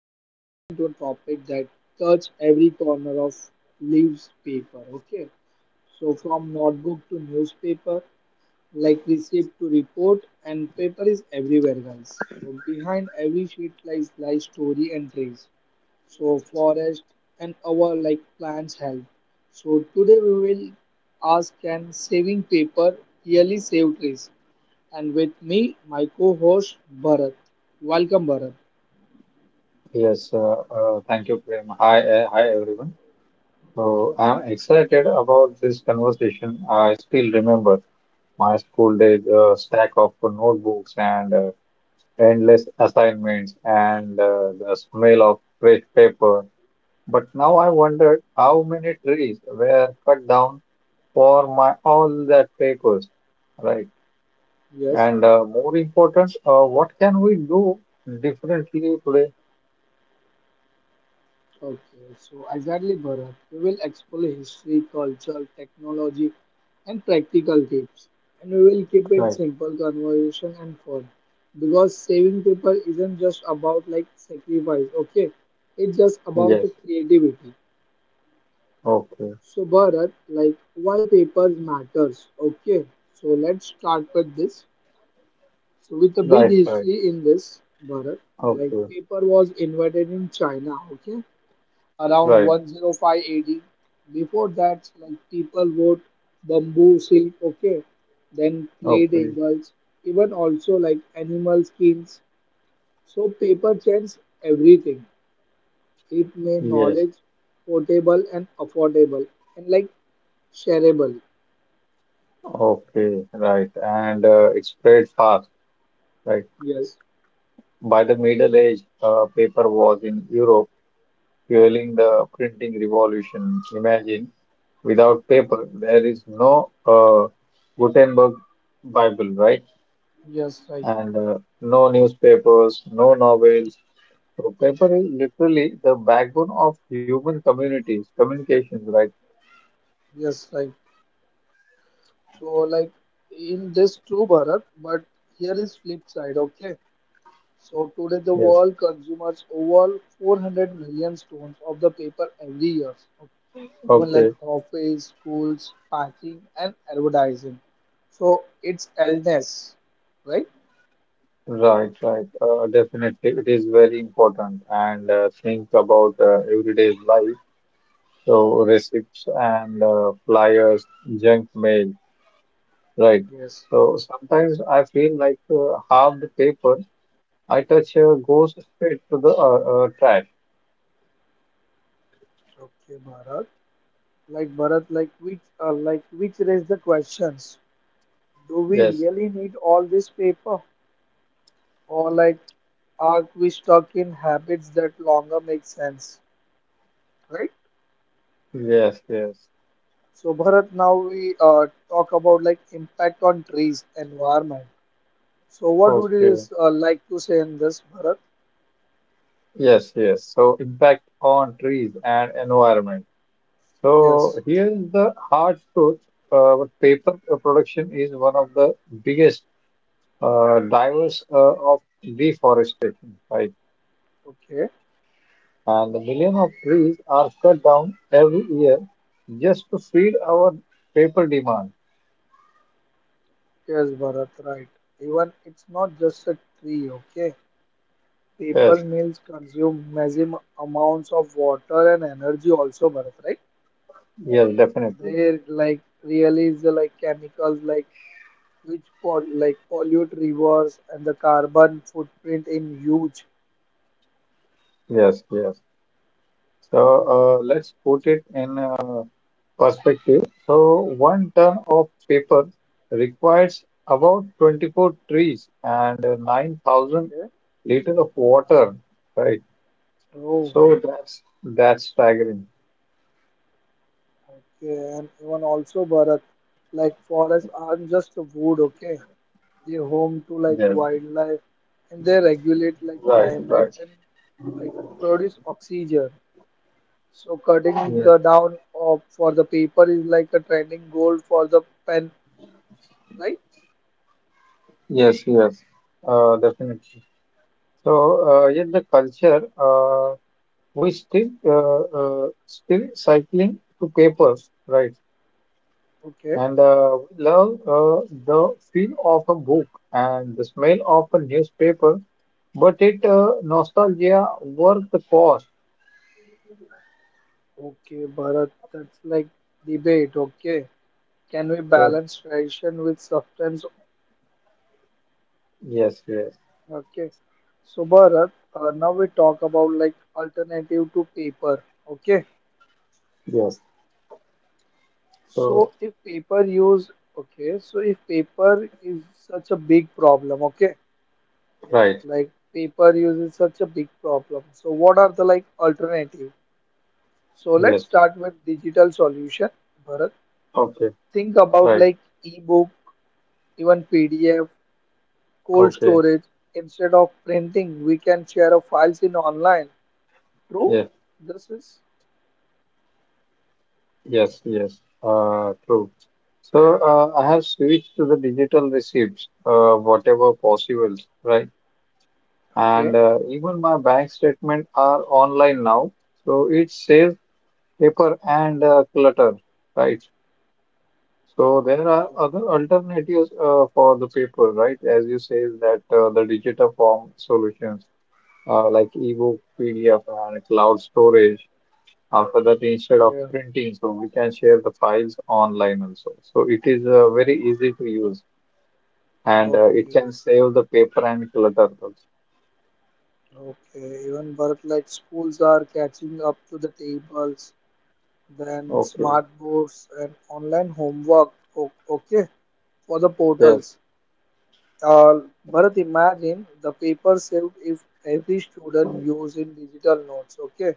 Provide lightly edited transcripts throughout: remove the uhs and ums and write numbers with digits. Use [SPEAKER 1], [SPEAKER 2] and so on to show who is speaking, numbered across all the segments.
[SPEAKER 1] We're driving into a topic that touches every corner of leaves paper. Okay, so from notebook to newspaper, like receipt to report, and paper is everywhere, guys. So, behind every sheet lies story and trees. So, forest and our like plants help. So, today we will ask: Can saving paper really save trees? And with me, my co-host Bharat. Welcome, Bharat.
[SPEAKER 2] Yes, thank you, Prem. Hi, hi everyone. So I'm excited about this conversation. I still remember my school days, stack of notebooks and endless assignments and the smell of fresh paper. But now I wondered how many trees were cut down for my all that papers, right?
[SPEAKER 1] Yes.
[SPEAKER 2] And more important, what can we do differently today?
[SPEAKER 1] Okay, so exactly, Bharat. We will explore history, culture, technology, and practical tips, and we will keep it
[SPEAKER 2] Right.
[SPEAKER 1] simple, conversation, and fun. Because saving people isn't just about like sacrifice, okay? It's just about the
[SPEAKER 2] Yes.
[SPEAKER 1] creativity.
[SPEAKER 2] Okay.
[SPEAKER 1] So, Bharat, like why papers matters, okay? So let's start with this. So with a big
[SPEAKER 2] Right, right.
[SPEAKER 1] history in this, Bharat, like
[SPEAKER 2] Okay,
[SPEAKER 1] paper was invented in China, okay, around
[SPEAKER 2] right.
[SPEAKER 1] 105 AD. Before that, like people wrote bamboo silk, okay, then clay
[SPEAKER 2] Okay,
[SPEAKER 1] tables, even also like animal skins. So paper changed everything. It made
[SPEAKER 2] yes.
[SPEAKER 1] knowledge portable and affordable and like shareable.
[SPEAKER 2] Okay, right. And it spread fast, right?
[SPEAKER 1] Yes,
[SPEAKER 2] By the Middle Age, paper was in Europe, fueling the printing revolution. Imagine, without paper, there is no Gutenberg Bible, right?
[SPEAKER 1] yes, right,
[SPEAKER 2] And no newspapers, no novels. So paper is literally the backbone of human communities, communications, right?
[SPEAKER 1] yes, right. So like in this true Bharat, but here is flip side, okay? So today the
[SPEAKER 2] Yes.
[SPEAKER 1] world consumes over 400 million stones of the paper every year. Okay? Even like
[SPEAKER 2] Okay.
[SPEAKER 1] office, schools, packing and advertising. So it's illness, right?
[SPEAKER 2] Right, right. Definitely, it is very important. And think about everyday life. So receipts and flyers, junk mail, right?
[SPEAKER 1] Yes,
[SPEAKER 2] So sometimes
[SPEAKER 1] yes.
[SPEAKER 2] I feel like half the paper I touch goes straight to the trash.
[SPEAKER 1] Okay, Bharat. Like Bharat, like which raise the questions. Do we
[SPEAKER 2] Yes,
[SPEAKER 1] really need all this paper? Or like, are we stuck in habits that longer make sense, right?
[SPEAKER 2] yes, yes.
[SPEAKER 1] So Bharat, now we talk about like impact on trees, environment. So what would you
[SPEAKER 2] Okay.
[SPEAKER 1] like to say in this, Bharat?
[SPEAKER 2] Yes, yes. So impact on trees and environment. So
[SPEAKER 1] Yes.
[SPEAKER 2] here's the hard truth. Paper production is one of the biggest divers of deforestation, right?
[SPEAKER 1] Okay.
[SPEAKER 2] And the million of trees are cut down every year just to feed our paper demand.
[SPEAKER 1] Yes, Bharat. Right. Even it's not just a tree. Okay.
[SPEAKER 2] Yes,
[SPEAKER 1] People meals consume massive amounts of water and energy also, Bharat. Right?
[SPEAKER 2] yes, definitely.
[SPEAKER 1] They like really is like chemicals like which pol like pollute rivers and the carbon footprint in huge.
[SPEAKER 2] Yes, yes. So let's put it in perspective. So one ton of paper requires about 24 trees and 9,000
[SPEAKER 1] Okay.
[SPEAKER 2] liter of water, right?
[SPEAKER 1] Oh,
[SPEAKER 2] So that's staggering.
[SPEAKER 1] okay. And even also, Bharat, like forests aren't just wood, okay? They home to like
[SPEAKER 2] Yes,
[SPEAKER 1] wildlife and they regulate like
[SPEAKER 2] right,
[SPEAKER 1] climate
[SPEAKER 2] right.
[SPEAKER 1] and like produce oxygen. So cutting the
[SPEAKER 2] Yes.
[SPEAKER 1] down of for the paper is like a trending goal for the pen, right?
[SPEAKER 2] Yes, yes, definitely. So, yet the culture, we still cycling to papers, right?
[SPEAKER 1] Okay,
[SPEAKER 2] And we love the feel of a book and the smell of a newspaper, but it nostalgia worth the cost.
[SPEAKER 1] okay, Bharat, that's like debate, okay. Can we
[SPEAKER 2] Yes,
[SPEAKER 1] balance tradition with substance?
[SPEAKER 2] yes, yes,
[SPEAKER 1] Okay. So Bharat, now we talk about like alternative to paper. Okay.
[SPEAKER 2] yes. So,
[SPEAKER 1] So if paper use, okay. So if paper is such a big problem, okay.
[SPEAKER 2] right.
[SPEAKER 1] Like paper use is such a big problem. So what are the like alternative? So let's
[SPEAKER 2] Yes.
[SPEAKER 1] start with digital solution. Bharat,
[SPEAKER 2] Okay.
[SPEAKER 1] think about
[SPEAKER 2] Right.
[SPEAKER 1] like ebook, even PDF, cold
[SPEAKER 2] Okay.
[SPEAKER 1] storage. Instead of printing, we can share our files in online True?
[SPEAKER 2] Yes.
[SPEAKER 1] This is
[SPEAKER 2] Yes, yes, true. So I have switched to the digital receipts, whatever possible, right? And
[SPEAKER 1] Okay.
[SPEAKER 2] even my bank statement are online now, so it saves paper and clutter, right? So there are other alternatives for the paper, right? As you say that the digital form solutions like ebook, PDF, and cloud storage. After that, instead of
[SPEAKER 1] Yeah,
[SPEAKER 2] printing, so we can share the files online also. So it is very easy to use and it
[SPEAKER 1] okay,
[SPEAKER 2] can save the paper and clutter also.
[SPEAKER 1] okay. Even but like schools are catching up to the tables, then
[SPEAKER 2] Okay,
[SPEAKER 1] smart boards and online homework. Okay, for the
[SPEAKER 2] yes,
[SPEAKER 1] portals. Uh, Bharat, imagine the paper saved if every student used in digital notes. Okay,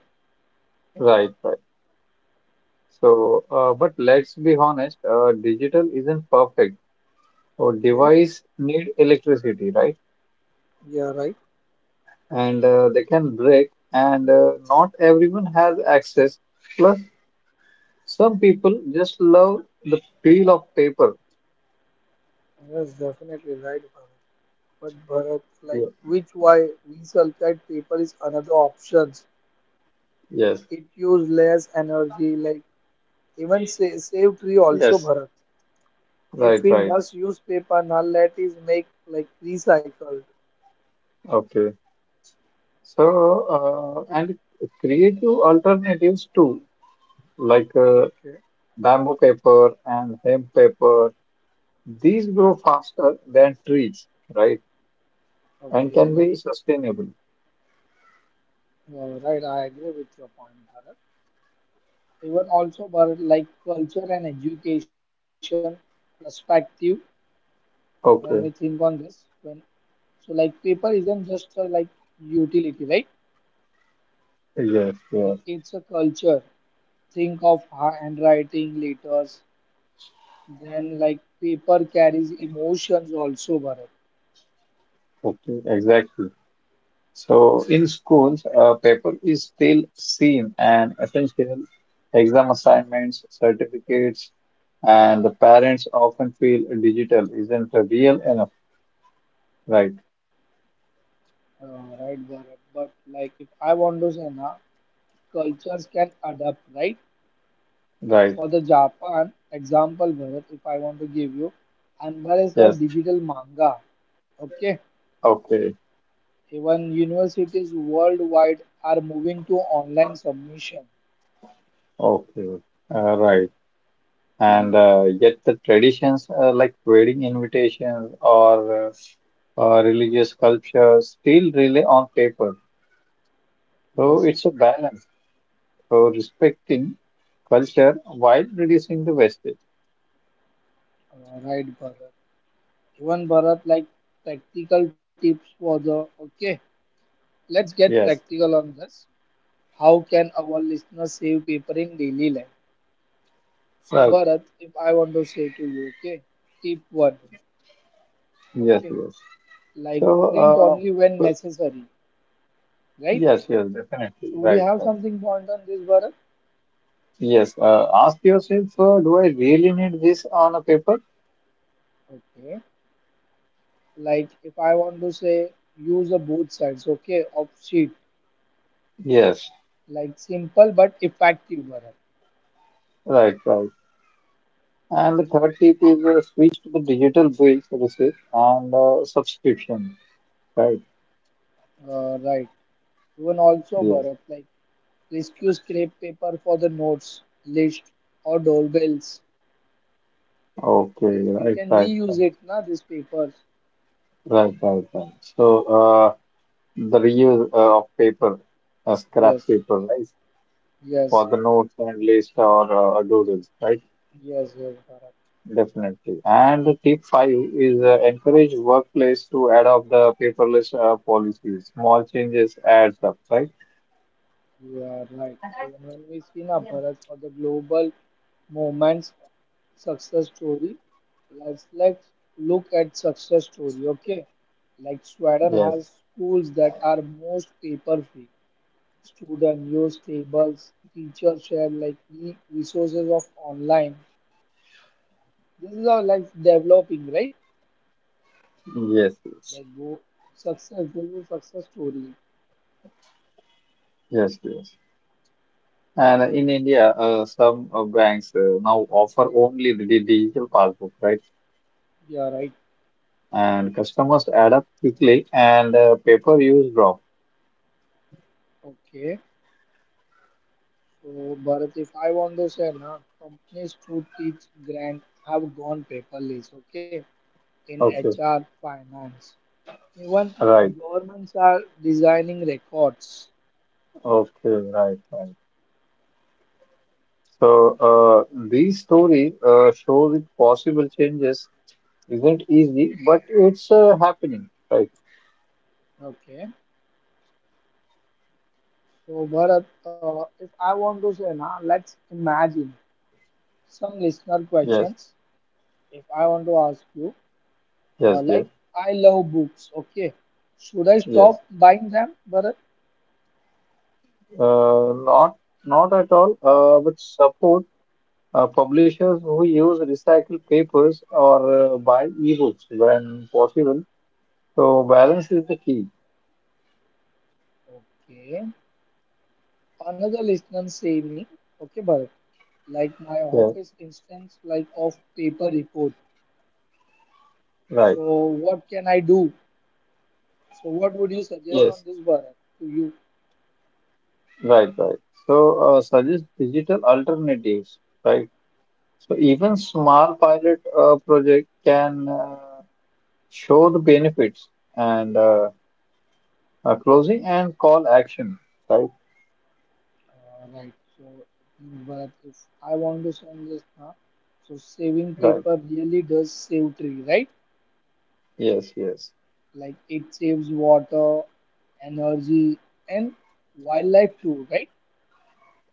[SPEAKER 2] right, right. So, but let's be honest, digital isn't perfect. So
[SPEAKER 1] okay.
[SPEAKER 2] device need electricity, right?
[SPEAKER 1] Yeah, right.
[SPEAKER 2] And they can break and not everyone has access. Plus, some people just love the feel of paper.
[SPEAKER 1] Yes, definitely right, Bharat. But Bharat, like
[SPEAKER 2] Ye-
[SPEAKER 1] which why we sulfide paper is another option.
[SPEAKER 2] Yes,
[SPEAKER 1] It use less energy like even save tree also
[SPEAKER 2] yes,
[SPEAKER 1] bharat if
[SPEAKER 2] right,
[SPEAKER 1] we
[SPEAKER 2] right.
[SPEAKER 1] must use paper now let is make like recycled
[SPEAKER 2] Okay. So, and creative alternatives too, like
[SPEAKER 1] okay
[SPEAKER 2] bamboo paper and hemp paper. These grow faster than trees, right? And
[SPEAKER 1] okay
[SPEAKER 2] can be
[SPEAKER 1] right
[SPEAKER 2] sustainable.
[SPEAKER 1] Right I agree with your point bharat even also bharat like culture and education perspective when we think on
[SPEAKER 2] Okay.
[SPEAKER 1] this when so like paper isn't just a, like utility right
[SPEAKER 2] Yes,
[SPEAKER 1] like
[SPEAKER 2] yes.
[SPEAKER 1] it's a culture think of handwriting letters. Then like paper carries emotions also, Bharat.
[SPEAKER 2] Okay, exactly. So, in schools, paper is still seen and essential. Exam assignments, certificates, and the parents often feel digital isn't real enough. Right,
[SPEAKER 1] Right, Bharat. But like if I want to say na, cultures can adapt, right?
[SPEAKER 2] right.
[SPEAKER 1] For the Japan example, Bharat, if I want to give you, embrace a
[SPEAKER 2] Yes.
[SPEAKER 1] digital manga. Okay.
[SPEAKER 2] Okay.
[SPEAKER 1] Even universities worldwide are moving to online submission.
[SPEAKER 2] Okay, okay. Right. And yet the traditions like wedding invitations or religious culture still rely on paper. So
[SPEAKER 1] Yes.
[SPEAKER 2] it's a balance. So respecting culture while reducing the wastage.
[SPEAKER 1] Right, Bharat. Even Bharat, like practical tips for the. Okay. Let's get
[SPEAKER 2] Yes,
[SPEAKER 1] practical on this. How can our listeners save paper in daily life? So,
[SPEAKER 2] right.
[SPEAKER 1] Bharat, if I want to say to you, okay, tip one,
[SPEAKER 2] Yes,
[SPEAKER 1] okay,
[SPEAKER 2] yes.
[SPEAKER 1] like print
[SPEAKER 2] So,
[SPEAKER 1] only when
[SPEAKER 2] uh, uh,
[SPEAKER 1] necessary, right?
[SPEAKER 2] yes, yes, definitely.
[SPEAKER 1] So, would you
[SPEAKER 2] Right,
[SPEAKER 1] have
[SPEAKER 2] right.
[SPEAKER 1] something point on this, Bharat?
[SPEAKER 2] Yes, ask yourself, do I really need this on a paper?
[SPEAKER 1] Okay, like if I want to say use the both sides, okay, of sheet,
[SPEAKER 2] Yes,
[SPEAKER 1] like simple but effective, Bharat.
[SPEAKER 2] right, right. And the third tip is switch to the digital bill services and subscription, right?
[SPEAKER 1] Right. Even also,
[SPEAKER 2] Yes.
[SPEAKER 1] Bharat, like rescue scrap paper for the notes, list, or doorbells.
[SPEAKER 2] Okay.
[SPEAKER 1] Like you
[SPEAKER 2] Right.
[SPEAKER 1] can
[SPEAKER 2] Right.
[SPEAKER 1] reuse
[SPEAKER 2] Right.
[SPEAKER 1] it, na, these papers.
[SPEAKER 2] Right. Right. Right. So the reuse of paper, scrap
[SPEAKER 1] Yes,
[SPEAKER 2] paper, right?
[SPEAKER 1] yes,
[SPEAKER 2] For the notes and list or doodles, right?
[SPEAKER 1] yes, yes, Bharat.
[SPEAKER 2] Definitely. And the tip five is encourage workplace to adopt the paperless policies. Small changes adds up, right?
[SPEAKER 1] You are right. Even when we see now
[SPEAKER 2] Yes.
[SPEAKER 1] Bharat for the global movement's success story, let's look at success story. Okay, like Sweden has schools that are most paper free. Student use tables, teachers share like e resources of online. This is all like developing, right?
[SPEAKER 2] Yes. Yes.
[SPEAKER 1] Like go success, global success story.
[SPEAKER 2] Yes. Yes. And in India, some banks now offer only the digital passbook, right?
[SPEAKER 1] Yeah, right.
[SPEAKER 2] And customers adapt quickly and paper use drop.
[SPEAKER 1] Okay. So, Bharat, if I want to say, na, companies to teach grant have gone paperless, okay, in
[SPEAKER 2] Okay,
[SPEAKER 1] HR, finance. Even
[SPEAKER 2] right.
[SPEAKER 1] governments are designing records,
[SPEAKER 2] Okay, right, right. So these stories show that possible changes isn't easy, but it's happening, right?
[SPEAKER 1] okay. So, Bharat, if I want to say, na, let's imagine some listener
[SPEAKER 2] Yes,
[SPEAKER 1] questions. If I want to ask you,
[SPEAKER 2] yes, yes,
[SPEAKER 1] like, I love books, okay. Should I
[SPEAKER 2] yes.
[SPEAKER 1] stop buying them, Bharat?
[SPEAKER 2] Uh, not not at all, but support. Publishers who use recycled papers or buy ebooks when possible. So balance is the key.
[SPEAKER 1] Okay. Another listener say me, okay, Bharat. Like my
[SPEAKER 2] Yeah,
[SPEAKER 1] office instance like of paper report
[SPEAKER 2] right.
[SPEAKER 1] so what can I do so what would you suggest on
[SPEAKER 2] Yes,
[SPEAKER 1] this Bharat to you
[SPEAKER 2] right, right. So suggest digital alternatives, right? So even
[SPEAKER 1] okay,
[SPEAKER 2] small pilot project can show the benefits and closing and call action, right?
[SPEAKER 1] right so Bharat if I want to send this now so saving
[SPEAKER 2] Right.
[SPEAKER 1] paper really does save tree right
[SPEAKER 2] Yes, yes,
[SPEAKER 1] like it saves water energy and wildlife too right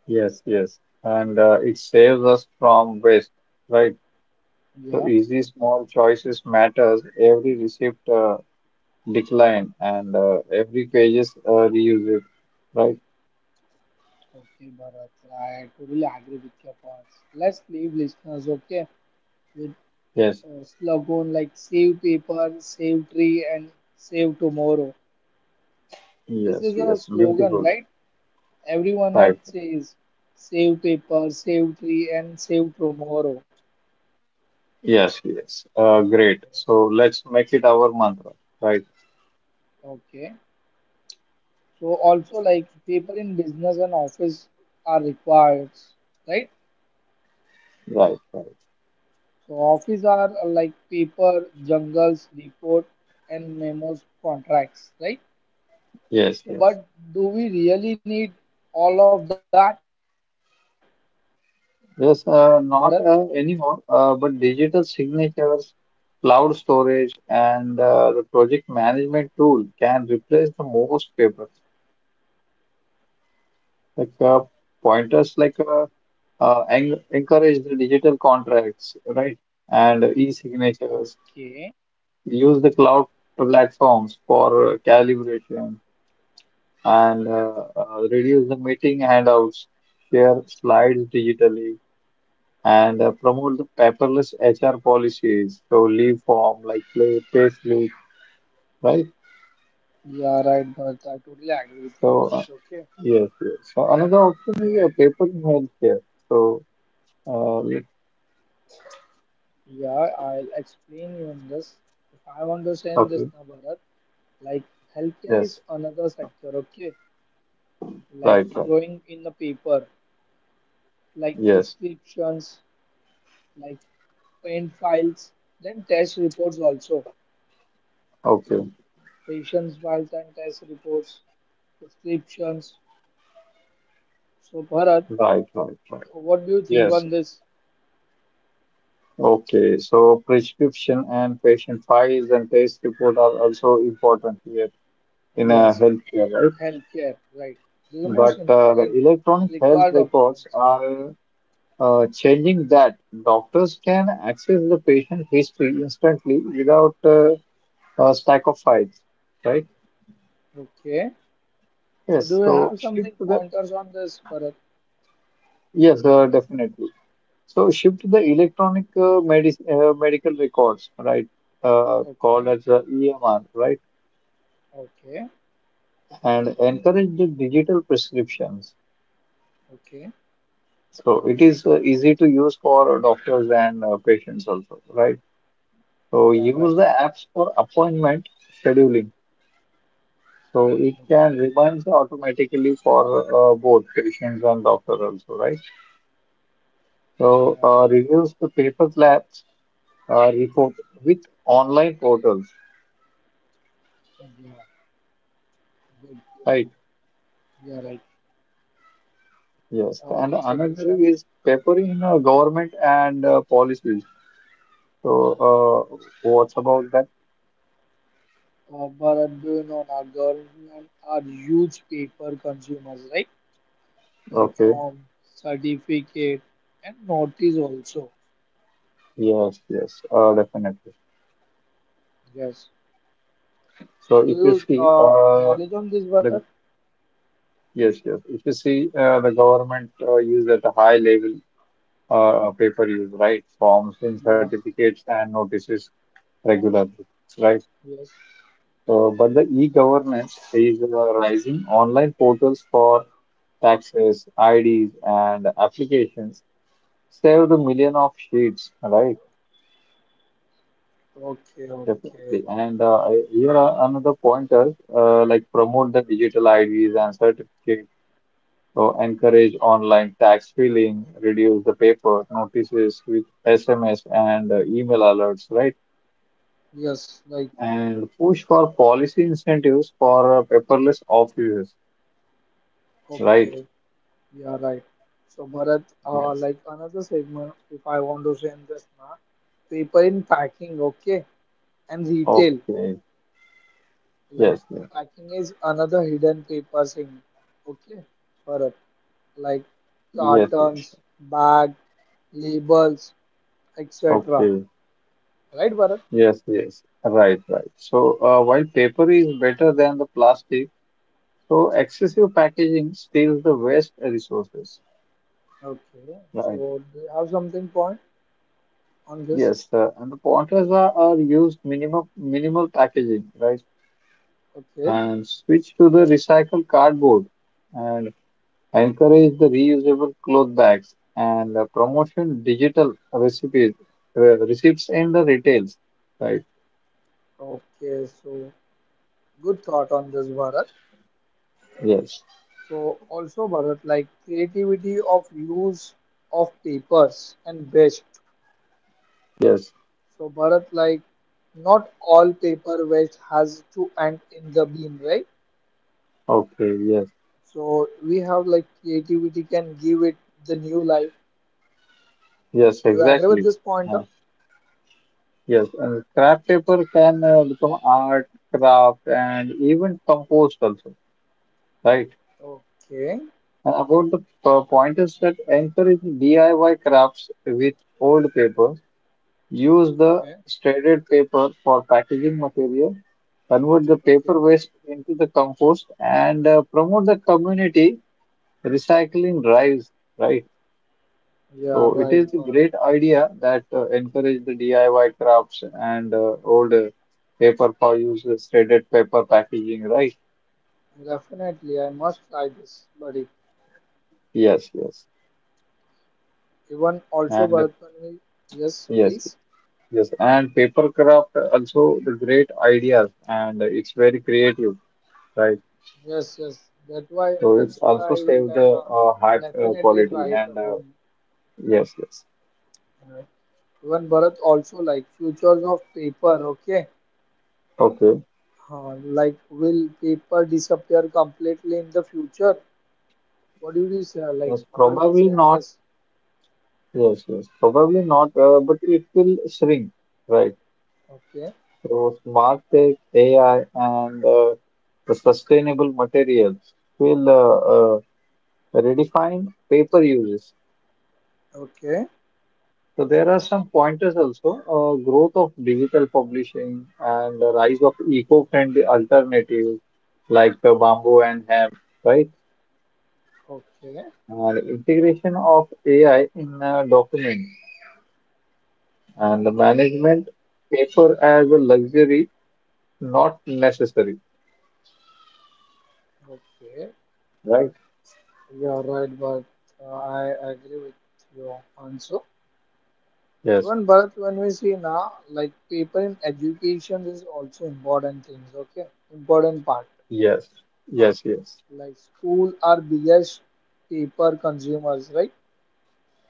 [SPEAKER 2] yes, yes. And it saves us from waste, right? So
[SPEAKER 1] yeah
[SPEAKER 2] easy small choices matters. Every receipt decline and every pages reuse it. Right?
[SPEAKER 1] okay Bharat I totally agree with your points let's leave listeners okay with
[SPEAKER 2] Yes.
[SPEAKER 1] slogan like save paper, save tree, and save tomorrow. This
[SPEAKER 2] Yes.
[SPEAKER 1] is a
[SPEAKER 2] Yes.
[SPEAKER 1] slogan,
[SPEAKER 2] Beautiful.
[SPEAKER 1] right? Everyone at
[SPEAKER 2] Right.
[SPEAKER 1] says save paper, save tree, and save tomorrow.
[SPEAKER 2] Yes. Yes. Great. So let's make it our mantra. Right.
[SPEAKER 1] Okay. So also like paper in business and office are required, right?
[SPEAKER 2] Right. Right.
[SPEAKER 1] So office are like paper, jungles, report and memos, contracts, right?
[SPEAKER 2] Yes.
[SPEAKER 1] So
[SPEAKER 2] Yes.
[SPEAKER 1] but do we really need all of that, Bharat?
[SPEAKER 2] Yes. Not anymore. But digital signatures, cloud storage, and the project management tool can replace the most paper. Like
[SPEAKER 1] Okay.
[SPEAKER 2] pointers, like. Encourage the digital contracts, right? And e-signatures. Use the cloud platforms for calibration and reduce the meeting handouts, share slides digitally, and promote the paperless HR policies. So leave form like play, payslip, right?
[SPEAKER 1] Yeah, right, but I totally agree with your
[SPEAKER 2] So
[SPEAKER 1] points. Okay.
[SPEAKER 2] yes, yes. So another option
[SPEAKER 1] Yeah,
[SPEAKER 2] is a paper in healthcare. So uh, let-
[SPEAKER 1] yeah, I'll explain you on this. If I want to say in this
[SPEAKER 2] okay,
[SPEAKER 1] now, Bharat, like healthcare is
[SPEAKER 2] yes,
[SPEAKER 1] another sector, okay? Like
[SPEAKER 2] right, right,
[SPEAKER 1] drawing in the paper, like
[SPEAKER 2] yes,
[SPEAKER 1] prescriptions, like pain files, then test reports also.
[SPEAKER 2] okay,
[SPEAKER 1] Patients' files and test reports, prescriptions. So Bharat,
[SPEAKER 2] right, right, right.
[SPEAKER 1] what do you think
[SPEAKER 2] Yes.
[SPEAKER 1] on this?
[SPEAKER 2] Okay. So prescription and patient files and test report are also important here in a
[SPEAKER 1] Yes.
[SPEAKER 2] healthcare, right?
[SPEAKER 1] Healthcare, right? This is the most
[SPEAKER 2] But the
[SPEAKER 1] important
[SPEAKER 2] electronic health
[SPEAKER 1] required
[SPEAKER 2] records
[SPEAKER 1] documents.
[SPEAKER 2] are changing that. Doctors can access the patient history instantly without a stack of files, right?
[SPEAKER 1] Okay. So do
[SPEAKER 2] Yes.
[SPEAKER 1] you
[SPEAKER 2] So
[SPEAKER 1] have something
[SPEAKER 2] shift to the
[SPEAKER 1] pointers on this, Bharat?
[SPEAKER 2] yes, definitely. So shift to the electronic medical records, right? Called
[SPEAKER 1] Okay.
[SPEAKER 2] as the EMR, right?
[SPEAKER 1] Okay.
[SPEAKER 2] And encourage the digital prescriptions.
[SPEAKER 1] Okay.
[SPEAKER 2] So it is easy to use for doctors and patients also, right? So
[SPEAKER 1] Yeah, right.
[SPEAKER 2] use the apps for appointment scheduling. So it can
[SPEAKER 1] Okay.
[SPEAKER 2] reminds automatically for both patients and doctor also, right? So
[SPEAKER 1] Yeah, right.
[SPEAKER 2] reduce the paper labs report with online portals,
[SPEAKER 1] Yeah. Good. Good,
[SPEAKER 2] right?
[SPEAKER 1] yeah, right.
[SPEAKER 2] Yes, and
[SPEAKER 1] Good
[SPEAKER 2] another
[SPEAKER 1] suggestion.
[SPEAKER 2] is paper in government and policies. So what's about that?
[SPEAKER 1] Bharat, do you know now government are huge paper consumers, right? Like
[SPEAKER 2] Okay.
[SPEAKER 1] form, certificate, and notice also.
[SPEAKER 2] Yes, yes, definitely.
[SPEAKER 1] Yes. So
[SPEAKER 2] So
[SPEAKER 1] do
[SPEAKER 2] if you
[SPEAKER 1] you
[SPEAKER 2] see,
[SPEAKER 1] knowledge on this, Bharat?
[SPEAKER 2] the yes, yes, if you see, the government use at a high level paper use, right? Forms and
[SPEAKER 1] Yeah.
[SPEAKER 2] certificates and notices regularly, right?
[SPEAKER 1] Yes.
[SPEAKER 2] So, but the e-governance is rising online portals for taxes, IDs, and applications save the million of sheets, right?
[SPEAKER 1] Okay. Okay.
[SPEAKER 2] Definitely. And here are another pointer, like promote the digital IDs and certificates. So encourage online tax filing, reduce the paper notices with SMS and email alerts, right?
[SPEAKER 1] Yes. Like.
[SPEAKER 2] And push for policy incentives for paperless offices, right?
[SPEAKER 1] Okay. Yeah. Right. So Bharat,
[SPEAKER 2] Yes.
[SPEAKER 1] like another segment, if I want to say in this now, paper in packing. Okay. And retail.
[SPEAKER 2] Okay.
[SPEAKER 1] Like
[SPEAKER 2] Yes. Yes.
[SPEAKER 1] packing is another hidden paper thing. Okay. Bharat. Like
[SPEAKER 2] Yes. Yes.
[SPEAKER 1] cartons,
[SPEAKER 2] Yes.
[SPEAKER 1] bag, labels, etc.
[SPEAKER 2] Okay.
[SPEAKER 1] Right, Bharat?
[SPEAKER 2] Yes. Yes. Right. Right. So while paper is better than the plastic, so excessive packaging steals the waste resources,
[SPEAKER 1] Okay.
[SPEAKER 2] right?
[SPEAKER 1] So do you have something point on this?
[SPEAKER 2] Yes, the pointers are used minimal packaging, right?
[SPEAKER 1] Okay.
[SPEAKER 2] And switch to the recycled cardboard and encourage the reusable cloth bags and promotion digital recipes receipts in the retails, right?
[SPEAKER 1] Okay. So. Good thought on this, Bharat.
[SPEAKER 2] Yes,
[SPEAKER 1] So, also, Bharat, like creativity of use of papers and waste.
[SPEAKER 2] yes,
[SPEAKER 1] So, Bharat, like not all paper waste has to end in the bin, right?
[SPEAKER 2] okay, yes,
[SPEAKER 1] So, we have like creativity can give it the new life.
[SPEAKER 2] yes,
[SPEAKER 1] Do you agree with
[SPEAKER 2] exactly.
[SPEAKER 1] this pointer?
[SPEAKER 2] Yeah. Yes, and scrap paper can become art, craft, and even compost also, right?
[SPEAKER 1] Okay,
[SPEAKER 2] And about the pointers that encourage DIY crafts with old paper, use the
[SPEAKER 1] okay,
[SPEAKER 2] shredded paper for packaging material, convert the paper
[SPEAKER 1] okay.
[SPEAKER 2] waste into the compost, and promote the community recycling drives, right?
[SPEAKER 1] Yeah,
[SPEAKER 2] So it
[SPEAKER 1] right,
[SPEAKER 2] is a
[SPEAKER 1] Bharat.
[SPEAKER 2] great idea that encourage the DIY crafts and old paper for use, shredded paper packaging, right?
[SPEAKER 1] Definitely, I must try this, buddy.
[SPEAKER 2] Yes, yes,
[SPEAKER 1] Even also,
[SPEAKER 2] and uh,
[SPEAKER 1] Bharat, when we yes,
[SPEAKER 2] yes.
[SPEAKER 1] please.
[SPEAKER 2] Yes, and paper craft also the great ideas and it's very creative, right?
[SPEAKER 1] Yes, yes. That why
[SPEAKER 2] So it's
[SPEAKER 1] that's
[SPEAKER 2] also
[SPEAKER 1] why I will
[SPEAKER 2] save the
[SPEAKER 1] tell now. I
[SPEAKER 2] high
[SPEAKER 1] definitely
[SPEAKER 2] quality
[SPEAKER 1] try it at
[SPEAKER 2] and
[SPEAKER 1] home.
[SPEAKER 2] yes, yes.
[SPEAKER 1] Uh, Even Bharat also like futures of paper. Okay,
[SPEAKER 2] Okay.
[SPEAKER 1] like will paper disappear completely in the future? What do you say? Like
[SPEAKER 2] Yes,
[SPEAKER 1] what do you
[SPEAKER 2] probably
[SPEAKER 1] say in
[SPEAKER 2] not.
[SPEAKER 1] this?
[SPEAKER 2] Yes, yes. Probably not, but it will shrink, right?
[SPEAKER 1] Okay,
[SPEAKER 2] So smart tech, AI and the sustainable materials will uh, redefine paper uses.
[SPEAKER 1] okay,
[SPEAKER 2] So there are some pointers also, growth of digital publishing and the rise of eco-friendly alternatives like bamboo and hemp, right?
[SPEAKER 1] okay,
[SPEAKER 2] And integration of AI in documents and the
[SPEAKER 1] okay,
[SPEAKER 2] management paper as a luxury, not necessary,
[SPEAKER 1] okay.
[SPEAKER 2] right?
[SPEAKER 1] You are right, but I agree with your answer.
[SPEAKER 2] Yes,
[SPEAKER 1] Even Bharat, when we see now, like people in education is also important things. Okay, important part.
[SPEAKER 2] yes, yes, yes.
[SPEAKER 1] Like school are biggest paper consumers, right?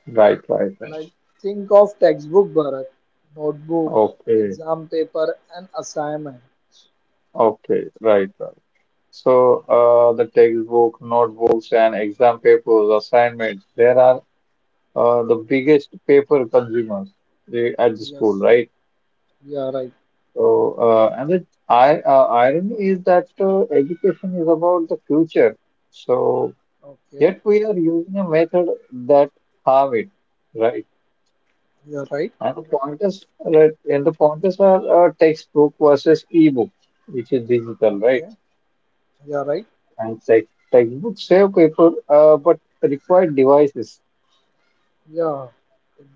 [SPEAKER 2] Right, right, right.
[SPEAKER 1] Like think of textbook, Bharat, notebook,
[SPEAKER 2] Okay,
[SPEAKER 1] exam paper, and assignments.
[SPEAKER 2] okay, right, right. So, the textbook, notebooks, and exam papers, assignments, there are the biggest paper consumers eh, at the school,
[SPEAKER 1] Yes,
[SPEAKER 2] right?
[SPEAKER 1] you are right.
[SPEAKER 2] So, irony is that education is about the future. So,
[SPEAKER 1] Okay,
[SPEAKER 2] yet we are using a method that harm it, right?
[SPEAKER 1] you are right.
[SPEAKER 2] And the pointers, right? And the pointers are textbook versus e-book, which is digital, right?
[SPEAKER 1] Okay, you are right.
[SPEAKER 2] And textbooks save paper, but require devices.
[SPEAKER 1] Yeah,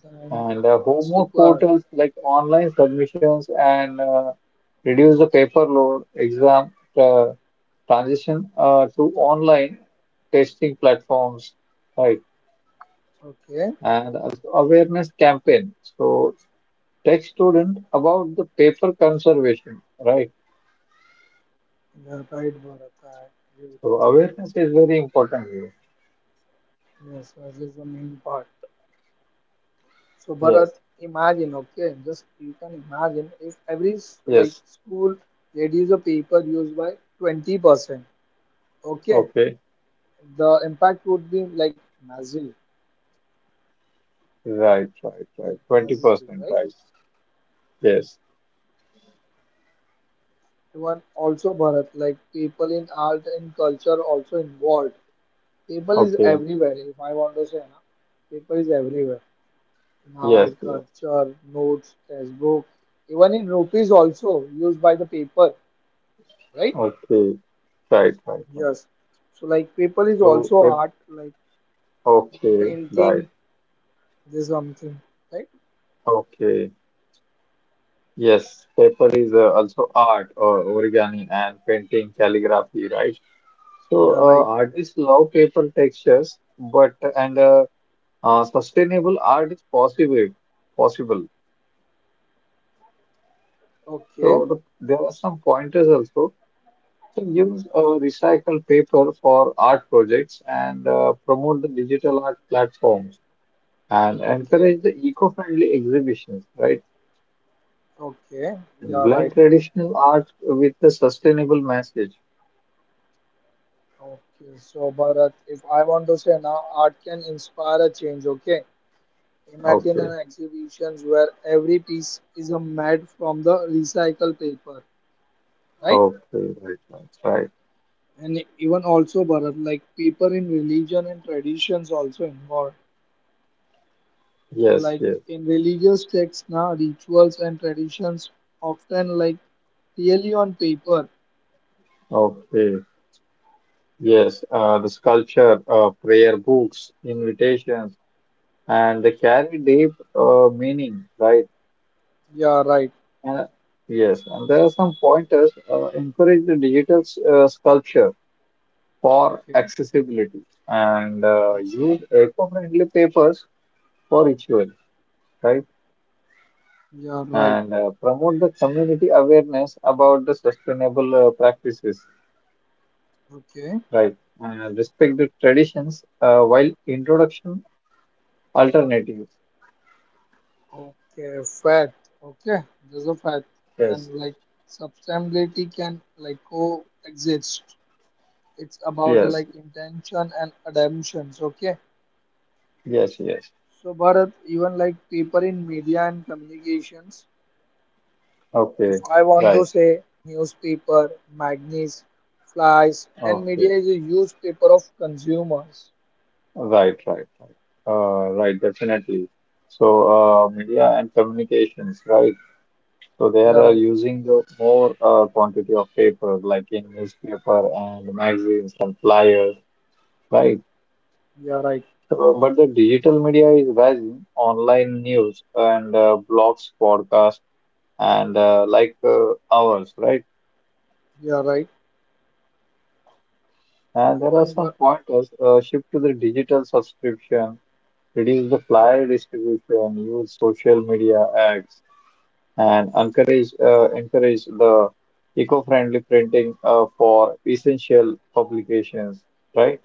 [SPEAKER 1] then
[SPEAKER 2] And
[SPEAKER 1] it's
[SPEAKER 2] homework
[SPEAKER 1] required.
[SPEAKER 2] portals like online submissions and reduce the paper load, exam transition to online testing platforms, right?
[SPEAKER 1] Okay,
[SPEAKER 2] And also awareness campaign. So teach student about the paper conservation, right?
[SPEAKER 1] you are right, Bharat. I agree with
[SPEAKER 2] So awareness is
[SPEAKER 1] you.
[SPEAKER 2] very important here.
[SPEAKER 1] Yes, this is the main part. So Bharat,
[SPEAKER 2] Yes,
[SPEAKER 1] imagine, okay, just you can imagine if every like
[SPEAKER 2] yes.
[SPEAKER 1] school reduce the paper used by 20%, okay,
[SPEAKER 2] Okay.
[SPEAKER 1] the impact would be like massive,
[SPEAKER 2] Right, right, right.
[SPEAKER 1] massive,
[SPEAKER 2] 20%,
[SPEAKER 1] right?
[SPEAKER 2] right. Yes.
[SPEAKER 1] One also Bharat, like people in art and culture also involved. People is
[SPEAKER 2] Okay.
[SPEAKER 1] everywhere. If I want to say, na, paper is everywhere in art,
[SPEAKER 2] Yes, yes.
[SPEAKER 1] culture, notes, textbook, even in rupees also used by the paper, right?
[SPEAKER 2] Okay. Right, right, right.
[SPEAKER 1] Yes. So like paper is
[SPEAKER 2] So,
[SPEAKER 1] also
[SPEAKER 2] pep
[SPEAKER 1] art, like
[SPEAKER 2] okay,
[SPEAKER 1] painting,
[SPEAKER 2] right.
[SPEAKER 1] this something, right?
[SPEAKER 2] Okay. Yes, paper is also art or origami and painting, calligraphy, right?
[SPEAKER 1] You are right.
[SPEAKER 2] Artists love paper textures, but and sustainable art is possible. Possible.
[SPEAKER 1] Okay.
[SPEAKER 2] So, there are some pointers also. So, use recycled paper for art projects and promote the digital art platforms and
[SPEAKER 1] Okay.
[SPEAKER 2] encourage the eco-friendly exhibitions, right?
[SPEAKER 1] Okay. You are
[SPEAKER 2] Blend
[SPEAKER 1] right.
[SPEAKER 2] traditional art with a sustainable message.
[SPEAKER 1] Okay. So Bharat, if I want to say now, art can inspire a change. Okay. Imagine
[SPEAKER 2] Okay,
[SPEAKER 1] an exhibitions where every piece is a made from the recycled paper, right?
[SPEAKER 2] okay, right, right, right.
[SPEAKER 1] And even also Bharat, like paper in religion and traditions also involved. So
[SPEAKER 2] Yes,
[SPEAKER 1] like
[SPEAKER 2] yes,
[SPEAKER 1] in religious texts now, rituals and traditions often like clearly on paper.
[SPEAKER 2] okay, yes. The sculpture, prayer books, invitations, and they carry deep meaning, right?
[SPEAKER 1] Yeah, right.
[SPEAKER 2] And Yes, and there are some pointers. Encourage the digital sculpture for
[SPEAKER 1] Okay.
[SPEAKER 2] accessibility and
[SPEAKER 1] Okay.
[SPEAKER 2] use eco-friendly papers for ritual, right?
[SPEAKER 1] Yeah, right.
[SPEAKER 2] and Promote the community awareness about the sustainable practices,
[SPEAKER 1] Okay.
[SPEAKER 2] right? And respect the traditions while introduction alternatives.
[SPEAKER 1] Okay. Fact. Okay. There's a fact. And
[SPEAKER 2] Yes,
[SPEAKER 1] like sustainability can like coexist. It's about
[SPEAKER 2] yes,
[SPEAKER 1] like intention and adaptations. Okay.
[SPEAKER 2] yes, yes.
[SPEAKER 1] So Bharat, even like paper in media and communications. If
[SPEAKER 2] Okay,
[SPEAKER 1] I want to
[SPEAKER 2] right.
[SPEAKER 1] say newspaper, magazines, flyers, and
[SPEAKER 2] Okay,
[SPEAKER 1] media is a huge paper of consumers.
[SPEAKER 2] right, right, right. Right, definitely. So, media and communications, right? So they are
[SPEAKER 1] You're right.
[SPEAKER 2] using the more quantity of paper, like in newspaper and magazines and flyers, right?
[SPEAKER 1] You're right.
[SPEAKER 2] But the digital media is rising. Online news and blogs, podcasts, and ours, right?
[SPEAKER 1] You're right.
[SPEAKER 2] And there are
[SPEAKER 1] Even
[SPEAKER 2] some
[SPEAKER 1] Bharat.
[SPEAKER 2] pointers. Shift to the digital subscription, reduce the
[SPEAKER 1] Okay.
[SPEAKER 2] flyer distribution, use social media ads, and encourage the eco-friendly printing for essential publications, right?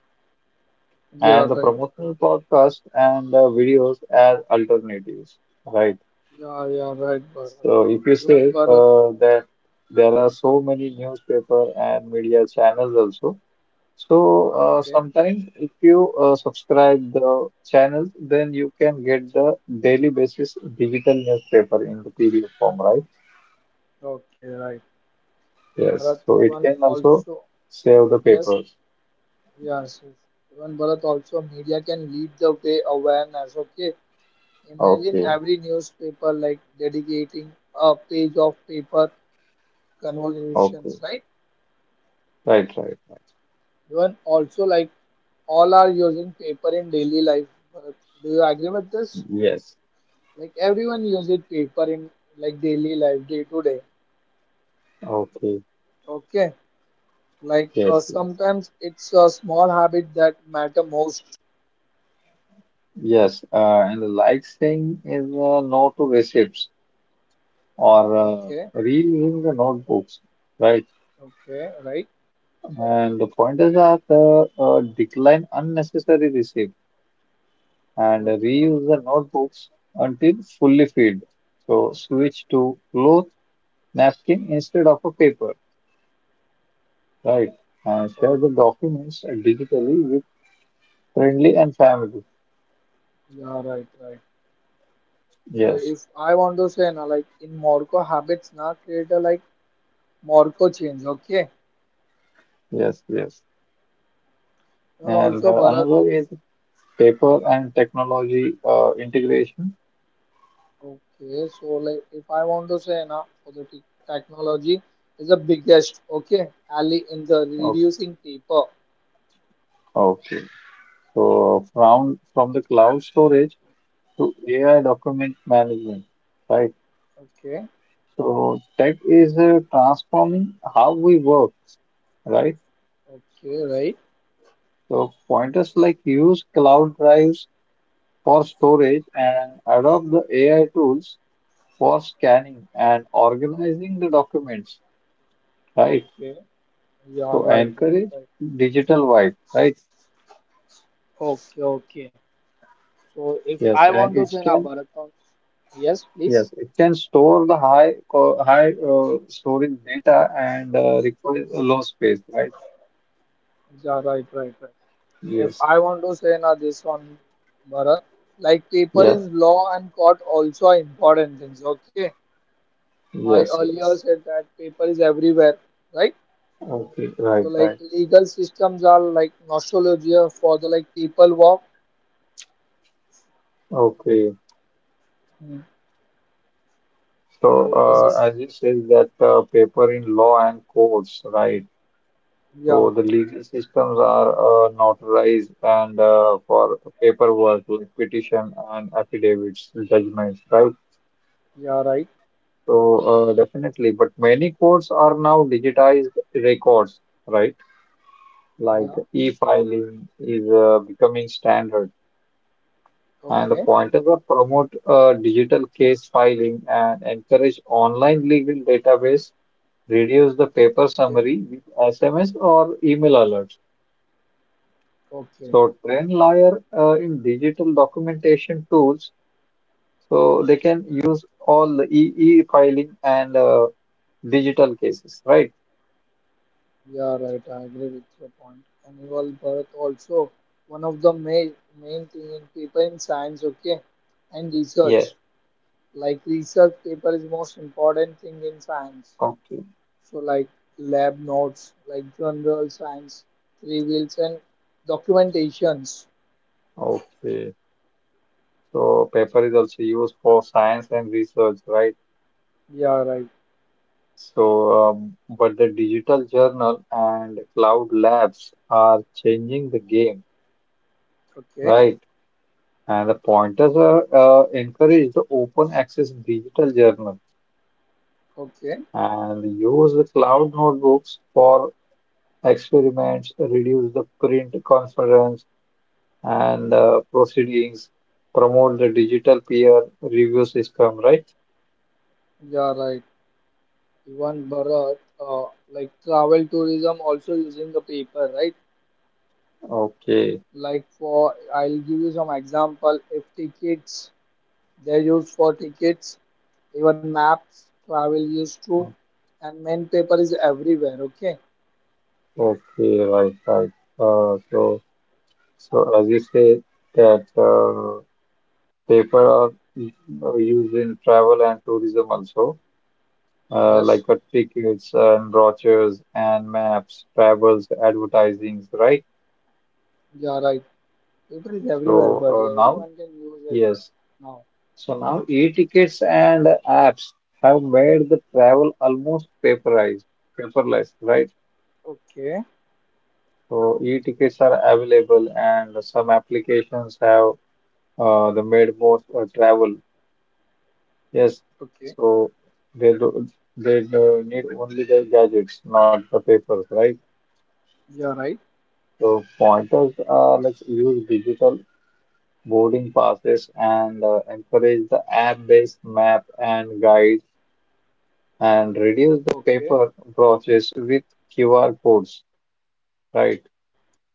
[SPEAKER 1] You're
[SPEAKER 2] And the
[SPEAKER 1] right, right.
[SPEAKER 2] promotional podcast and videos as alternatives, right?
[SPEAKER 1] Yeah, you're right, Bharat.
[SPEAKER 2] So if you
[SPEAKER 1] Even
[SPEAKER 2] say
[SPEAKER 1] Bharat.
[SPEAKER 2] that there are so many newspaper and media channels also, so
[SPEAKER 1] Okay.
[SPEAKER 2] sometimes if you subscribe the channels, then you can get the daily basis digital newspaper in the PDF form, right?
[SPEAKER 1] Okay, right.
[SPEAKER 2] Yes.
[SPEAKER 1] Bharat.
[SPEAKER 2] So it
[SPEAKER 1] Even
[SPEAKER 2] can also
[SPEAKER 1] also.
[SPEAKER 2] save the
[SPEAKER 1] Yes.
[SPEAKER 2] papers.
[SPEAKER 1] Yes, yes. Even Bharat also media can lead the way awareness. Okay. Imagine
[SPEAKER 2] Okay.
[SPEAKER 1] every newspaper like dedicating a page of paper
[SPEAKER 2] Okay.
[SPEAKER 1] conversations, right?
[SPEAKER 2] Right. Right. Right.
[SPEAKER 1] Even also like all are using paper in daily life. But do you agree with this?
[SPEAKER 2] Yes.
[SPEAKER 1] Like everyone uses paper in like daily life, day to day.
[SPEAKER 2] Okay.
[SPEAKER 1] Okay, like
[SPEAKER 2] Yes. Yes.
[SPEAKER 1] sometimes it's a small habit that matter most.
[SPEAKER 2] Yes. And the like saying is no to receipts. Or
[SPEAKER 1] Okay,
[SPEAKER 2] reusing the notebooks, right?
[SPEAKER 1] okay, right?
[SPEAKER 2] And the point is that decline unnecessary receipt and
[SPEAKER 1] Okay,
[SPEAKER 2] reuse the notebooks until fully filled. So switch to cloth napkin instead of a paper, right? And share the
[SPEAKER 1] okay,
[SPEAKER 2] documents digitally with friendly and family.
[SPEAKER 1] yeah, right, right. So
[SPEAKER 2] Yes,
[SPEAKER 1] if I want to say, na, like in Morocco habits, na create a like Morocco change. Okay,
[SPEAKER 2] yes, yes.
[SPEAKER 1] and
[SPEAKER 2] And
[SPEAKER 1] also Bharat.
[SPEAKER 2] another is paper and technology integration.
[SPEAKER 1] Okay, so like if I want to say now for the technology is the biggest okay ally in the
[SPEAKER 2] Okay.
[SPEAKER 1] reducing paper.
[SPEAKER 2] Okay. So from the cloud storage to AI document management, right?
[SPEAKER 1] Okay,
[SPEAKER 2] So tech is transforming how we work, right?
[SPEAKER 1] okay, right.
[SPEAKER 2] So pointers like use cloud drives for storage and adopt the AI tools for scanning and organizing the documents, right?
[SPEAKER 1] Okay, yeah,
[SPEAKER 2] So
[SPEAKER 1] right, right,
[SPEAKER 2] encourage
[SPEAKER 1] right.
[SPEAKER 2] digital white, right?
[SPEAKER 1] Okay, okay. So if
[SPEAKER 2] Yes,
[SPEAKER 1] I want
[SPEAKER 2] and
[SPEAKER 1] to
[SPEAKER 2] it
[SPEAKER 1] say now
[SPEAKER 2] can
[SPEAKER 1] Bharat, yes,
[SPEAKER 2] yes,
[SPEAKER 1] please.
[SPEAKER 2] it can store the high storage data and requires a low space, right?
[SPEAKER 1] Yeah, right, right, right. If
[SPEAKER 2] Yes,
[SPEAKER 1] I want to say now this one, Bharat, like paper
[SPEAKER 2] yes,
[SPEAKER 1] in law and court also are important things. Okay, I
[SPEAKER 2] yes,
[SPEAKER 1] earlier
[SPEAKER 2] yes.
[SPEAKER 1] said that paper is everywhere, right?
[SPEAKER 2] Okay,
[SPEAKER 1] So
[SPEAKER 2] right,
[SPEAKER 1] like
[SPEAKER 2] right.
[SPEAKER 1] legal systems are like nostalgia for the like people walk.
[SPEAKER 2] Okay.
[SPEAKER 1] Hmm.
[SPEAKER 2] So,
[SPEAKER 1] So is this
[SPEAKER 2] as you said that paper in law and courts, right?
[SPEAKER 1] yeah,
[SPEAKER 2] So the legal systems are notarized and for paperwork like petition and affidavits, judgments, right?
[SPEAKER 1] yeah, right.
[SPEAKER 2] So definitely, but many courts are now digitized records, right?
[SPEAKER 1] Yeah,
[SPEAKER 2] Like e-filing is becoming standard. And
[SPEAKER 1] okay,
[SPEAKER 2] the pointers are promote digital case filing and encourage online legal database, reduce the paper
[SPEAKER 1] okay,
[SPEAKER 2] summary with SMS or email alerts.
[SPEAKER 1] okay.
[SPEAKER 2] So train lawyer in digital documentation tools so they can use all the e-filing and digital cases, right?
[SPEAKER 1] Yeah, right. I agree with your point. Animal birth also one of the main thing in paper in science, okay, and research.
[SPEAKER 2] Yes.
[SPEAKER 1] Like research paper is most important thing in science.
[SPEAKER 2] Okay.
[SPEAKER 1] So like lab notes, like general science, reviews and documentations.
[SPEAKER 2] Okay. So paper is also used for science and research, right?
[SPEAKER 1] Yeah, right.
[SPEAKER 2] So, but the digital journal and cloud labs are changing the game,
[SPEAKER 1] Okay,
[SPEAKER 2] right? And the pointers are encourage the open access digital journal
[SPEAKER 1] okay.
[SPEAKER 2] and use the cloud notebooks for experiments, reduce the print conference and proceedings, promote the digital peer review system, right?
[SPEAKER 1] Yeah, right. Even Bharat, uh, like travel tourism also using the paper, right?
[SPEAKER 2] Okay,
[SPEAKER 1] Like for, I'll give you some example. If tickets, they use for tickets, even maps, travel used to, and main paper is everywhere. Okay.
[SPEAKER 2] okay, right, right. Uh, so, so as you said that. Paper are used in travel and tourism also,
[SPEAKER 1] Yes.
[SPEAKER 2] tickets and brochures and maps, travels, advertisings, right?
[SPEAKER 1] Yeah, right. Paper is everywhere,
[SPEAKER 2] So
[SPEAKER 1] but
[SPEAKER 2] now,
[SPEAKER 1] everyone can use it
[SPEAKER 2] yes.
[SPEAKER 1] now.
[SPEAKER 2] So now e-tickets and apps have made the travel almost paperized, paperless, right?
[SPEAKER 1] Okay.
[SPEAKER 2] So e-tickets are available and some applications have the made most travel. Yes,
[SPEAKER 1] Okay.
[SPEAKER 2] so they do, they do need only the gadgets, not the papers, right?
[SPEAKER 1] Yeah, right.
[SPEAKER 2] So pointers are like use digital boarding passes and encourage the app-based map and guide and reduce the
[SPEAKER 1] Okay.
[SPEAKER 2] paper process with QR codes, right?
[SPEAKER 1] Yeah.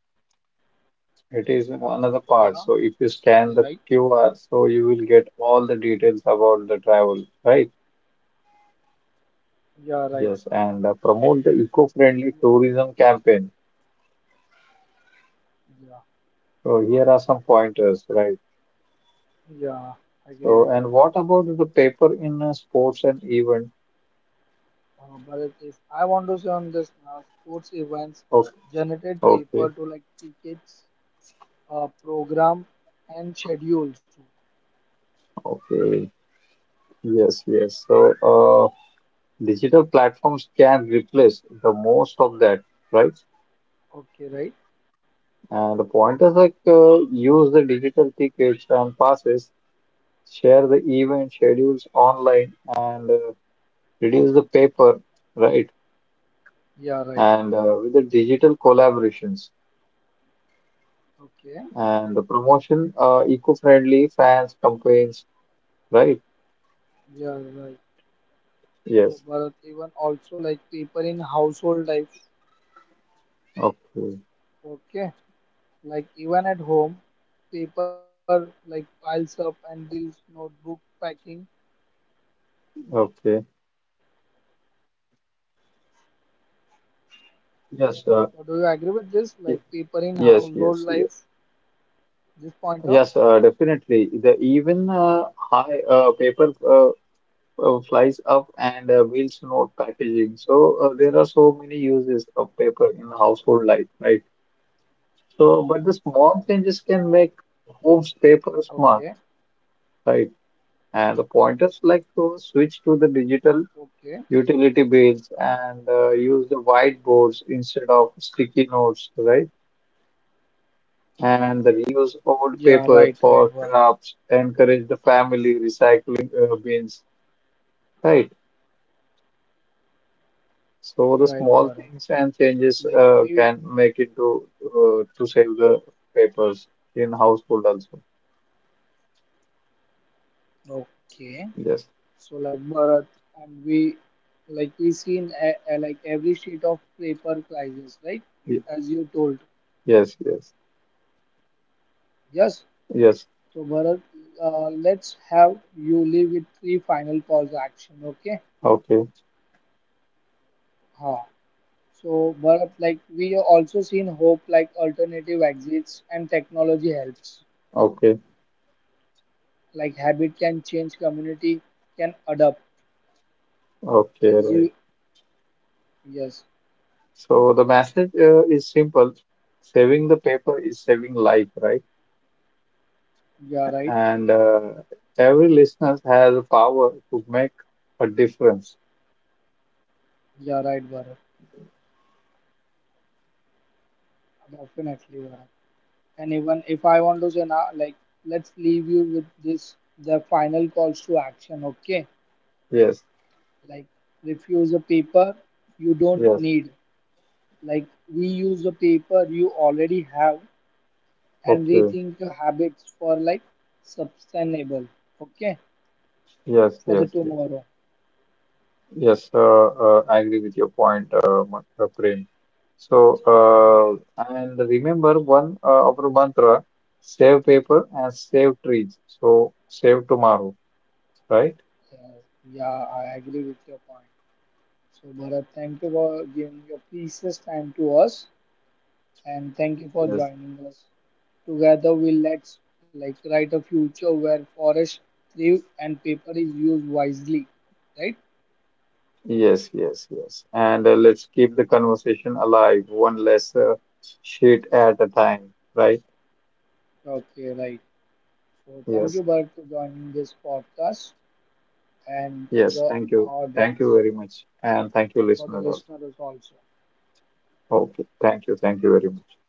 [SPEAKER 1] Yeah, right.
[SPEAKER 2] It is another part. So if you scan the QR, so you will get all the details about the travel, right?
[SPEAKER 1] Yeah, right.
[SPEAKER 2] Yes, and promote the eco-friendly tourism campaign.
[SPEAKER 1] Yeah.
[SPEAKER 2] So here are some
[SPEAKER 1] So
[SPEAKER 2] pointers, right?
[SPEAKER 1] yeah, I agree, I
[SPEAKER 2] So,
[SPEAKER 1] agree.
[SPEAKER 2] and
[SPEAKER 1] Bharat.
[SPEAKER 2] what about the paper in sports and event?
[SPEAKER 1] Bharat, if I want to say on this sports events,
[SPEAKER 2] Okay,
[SPEAKER 1] generate paper
[SPEAKER 2] okay,
[SPEAKER 1] to like tickets, program and schedules too.
[SPEAKER 2] okay. Yes, yes. So, digital platforms can replace the most of that, right?
[SPEAKER 1] Okay, right?
[SPEAKER 2] And the pointers like use the digital tickets and passes, share the event schedules online, and reduce the paper, right?
[SPEAKER 1] Yeah, right.
[SPEAKER 2] And with the digital collaborations
[SPEAKER 1] Okay,
[SPEAKER 2] and the promotion, eco-friendly fans campaigns, right?
[SPEAKER 1] yeah, right. So
[SPEAKER 2] Yes.
[SPEAKER 1] Bharat, even also like paper in household life.
[SPEAKER 2] Okay.
[SPEAKER 1] Okay, like even at home, paper like piles up and deals notebook packing.
[SPEAKER 2] Okay. Yes.
[SPEAKER 1] So do you agree with this?
[SPEAKER 2] Y-
[SPEAKER 1] Like paper in
[SPEAKER 2] yes.
[SPEAKER 1] household
[SPEAKER 2] Yes. Yes.
[SPEAKER 1] life, this point of?
[SPEAKER 2] Yes. Definitely. The even high paper flies up and wheels note packaging. So there are so many uses of paper in household life, right? So, but the small changes can make
[SPEAKER 1] Okay.
[SPEAKER 2] homes paper smart, right? And the pointers like to switch to the
[SPEAKER 1] Okay.
[SPEAKER 2] digital utility bills and use the whiteboards instead of sticky notes, right? And the reuse old
[SPEAKER 1] Yeah,
[SPEAKER 2] paper
[SPEAKER 1] right, right,
[SPEAKER 2] for
[SPEAKER 1] Bharat.
[SPEAKER 2] crafts encourage the family recycling bins, right?
[SPEAKER 1] Right,
[SPEAKER 2] So the
[SPEAKER 1] Bharat.
[SPEAKER 2] small things and changes
[SPEAKER 1] Like
[SPEAKER 2] uh,
[SPEAKER 1] we
[SPEAKER 2] can make it to uh, to save the papers in household also.
[SPEAKER 1] okay.
[SPEAKER 2] Yes.
[SPEAKER 1] So like Bharat and we like we seen like every sheet of paper crisis, right? You,
[SPEAKER 2] Ye-
[SPEAKER 1] as you told.
[SPEAKER 2] yes, yes,
[SPEAKER 1] Yes.
[SPEAKER 2] yes.
[SPEAKER 1] So Bharat, let's have you leave with 3 final calls action. Okay.
[SPEAKER 2] Okay,
[SPEAKER 1] Huh. So Bharat, like we also seen hope like alternative exits and technology helps.
[SPEAKER 2] okay,
[SPEAKER 1] Like habit can change, community can adapt
[SPEAKER 2] okay,
[SPEAKER 1] as
[SPEAKER 2] right.
[SPEAKER 1] you. Yes,
[SPEAKER 2] So the message is simple. Saving the paper is saving life, right?
[SPEAKER 1] you are right.
[SPEAKER 2] And Every listener has the power to make a difference.
[SPEAKER 1] You are right, Bharat. Definitely, Bharat. And even if I want to say now, like, let's leave you with this the final calls to action, okay?
[SPEAKER 2] Yes.
[SPEAKER 1] Like, refuse a paper you don't
[SPEAKER 2] Yes.
[SPEAKER 1] need. Like, reuse a paper you already have and
[SPEAKER 2] Okay.
[SPEAKER 1] rethink your habits for like sustainable, okay?
[SPEAKER 2] Yes.
[SPEAKER 1] For
[SPEAKER 2] Yes.
[SPEAKER 1] the
[SPEAKER 2] Yes.
[SPEAKER 1] tomorrow.
[SPEAKER 2] Yes. I agree with your point, Prem. So,
[SPEAKER 1] Yes,
[SPEAKER 2] and remember one our mantra: save paper and save trees. So, save tomorrow, right?
[SPEAKER 1] yes. Yeah, I agree with your point. So, Bharat, thank you for giving your precious time to us. And thank you for
[SPEAKER 2] Yes.
[SPEAKER 1] joining us. Together we let's like write a future where forests live and paper is used wisely. Right?
[SPEAKER 2] Yes. Yes. Yes. And Let's keep the conversation alive, one less sheet at a time, right?
[SPEAKER 1] Okay, right. So
[SPEAKER 2] Yes.
[SPEAKER 1] thank you Bharat for joining this podcast and to
[SPEAKER 2] Yes.
[SPEAKER 1] the
[SPEAKER 2] Thank you. Thank you
[SPEAKER 1] audience
[SPEAKER 2] very much, and thank you,
[SPEAKER 1] and for
[SPEAKER 2] listeners
[SPEAKER 1] the
[SPEAKER 2] also.
[SPEAKER 1] listeners also.
[SPEAKER 2] Okay. Thank you. Thank you very much.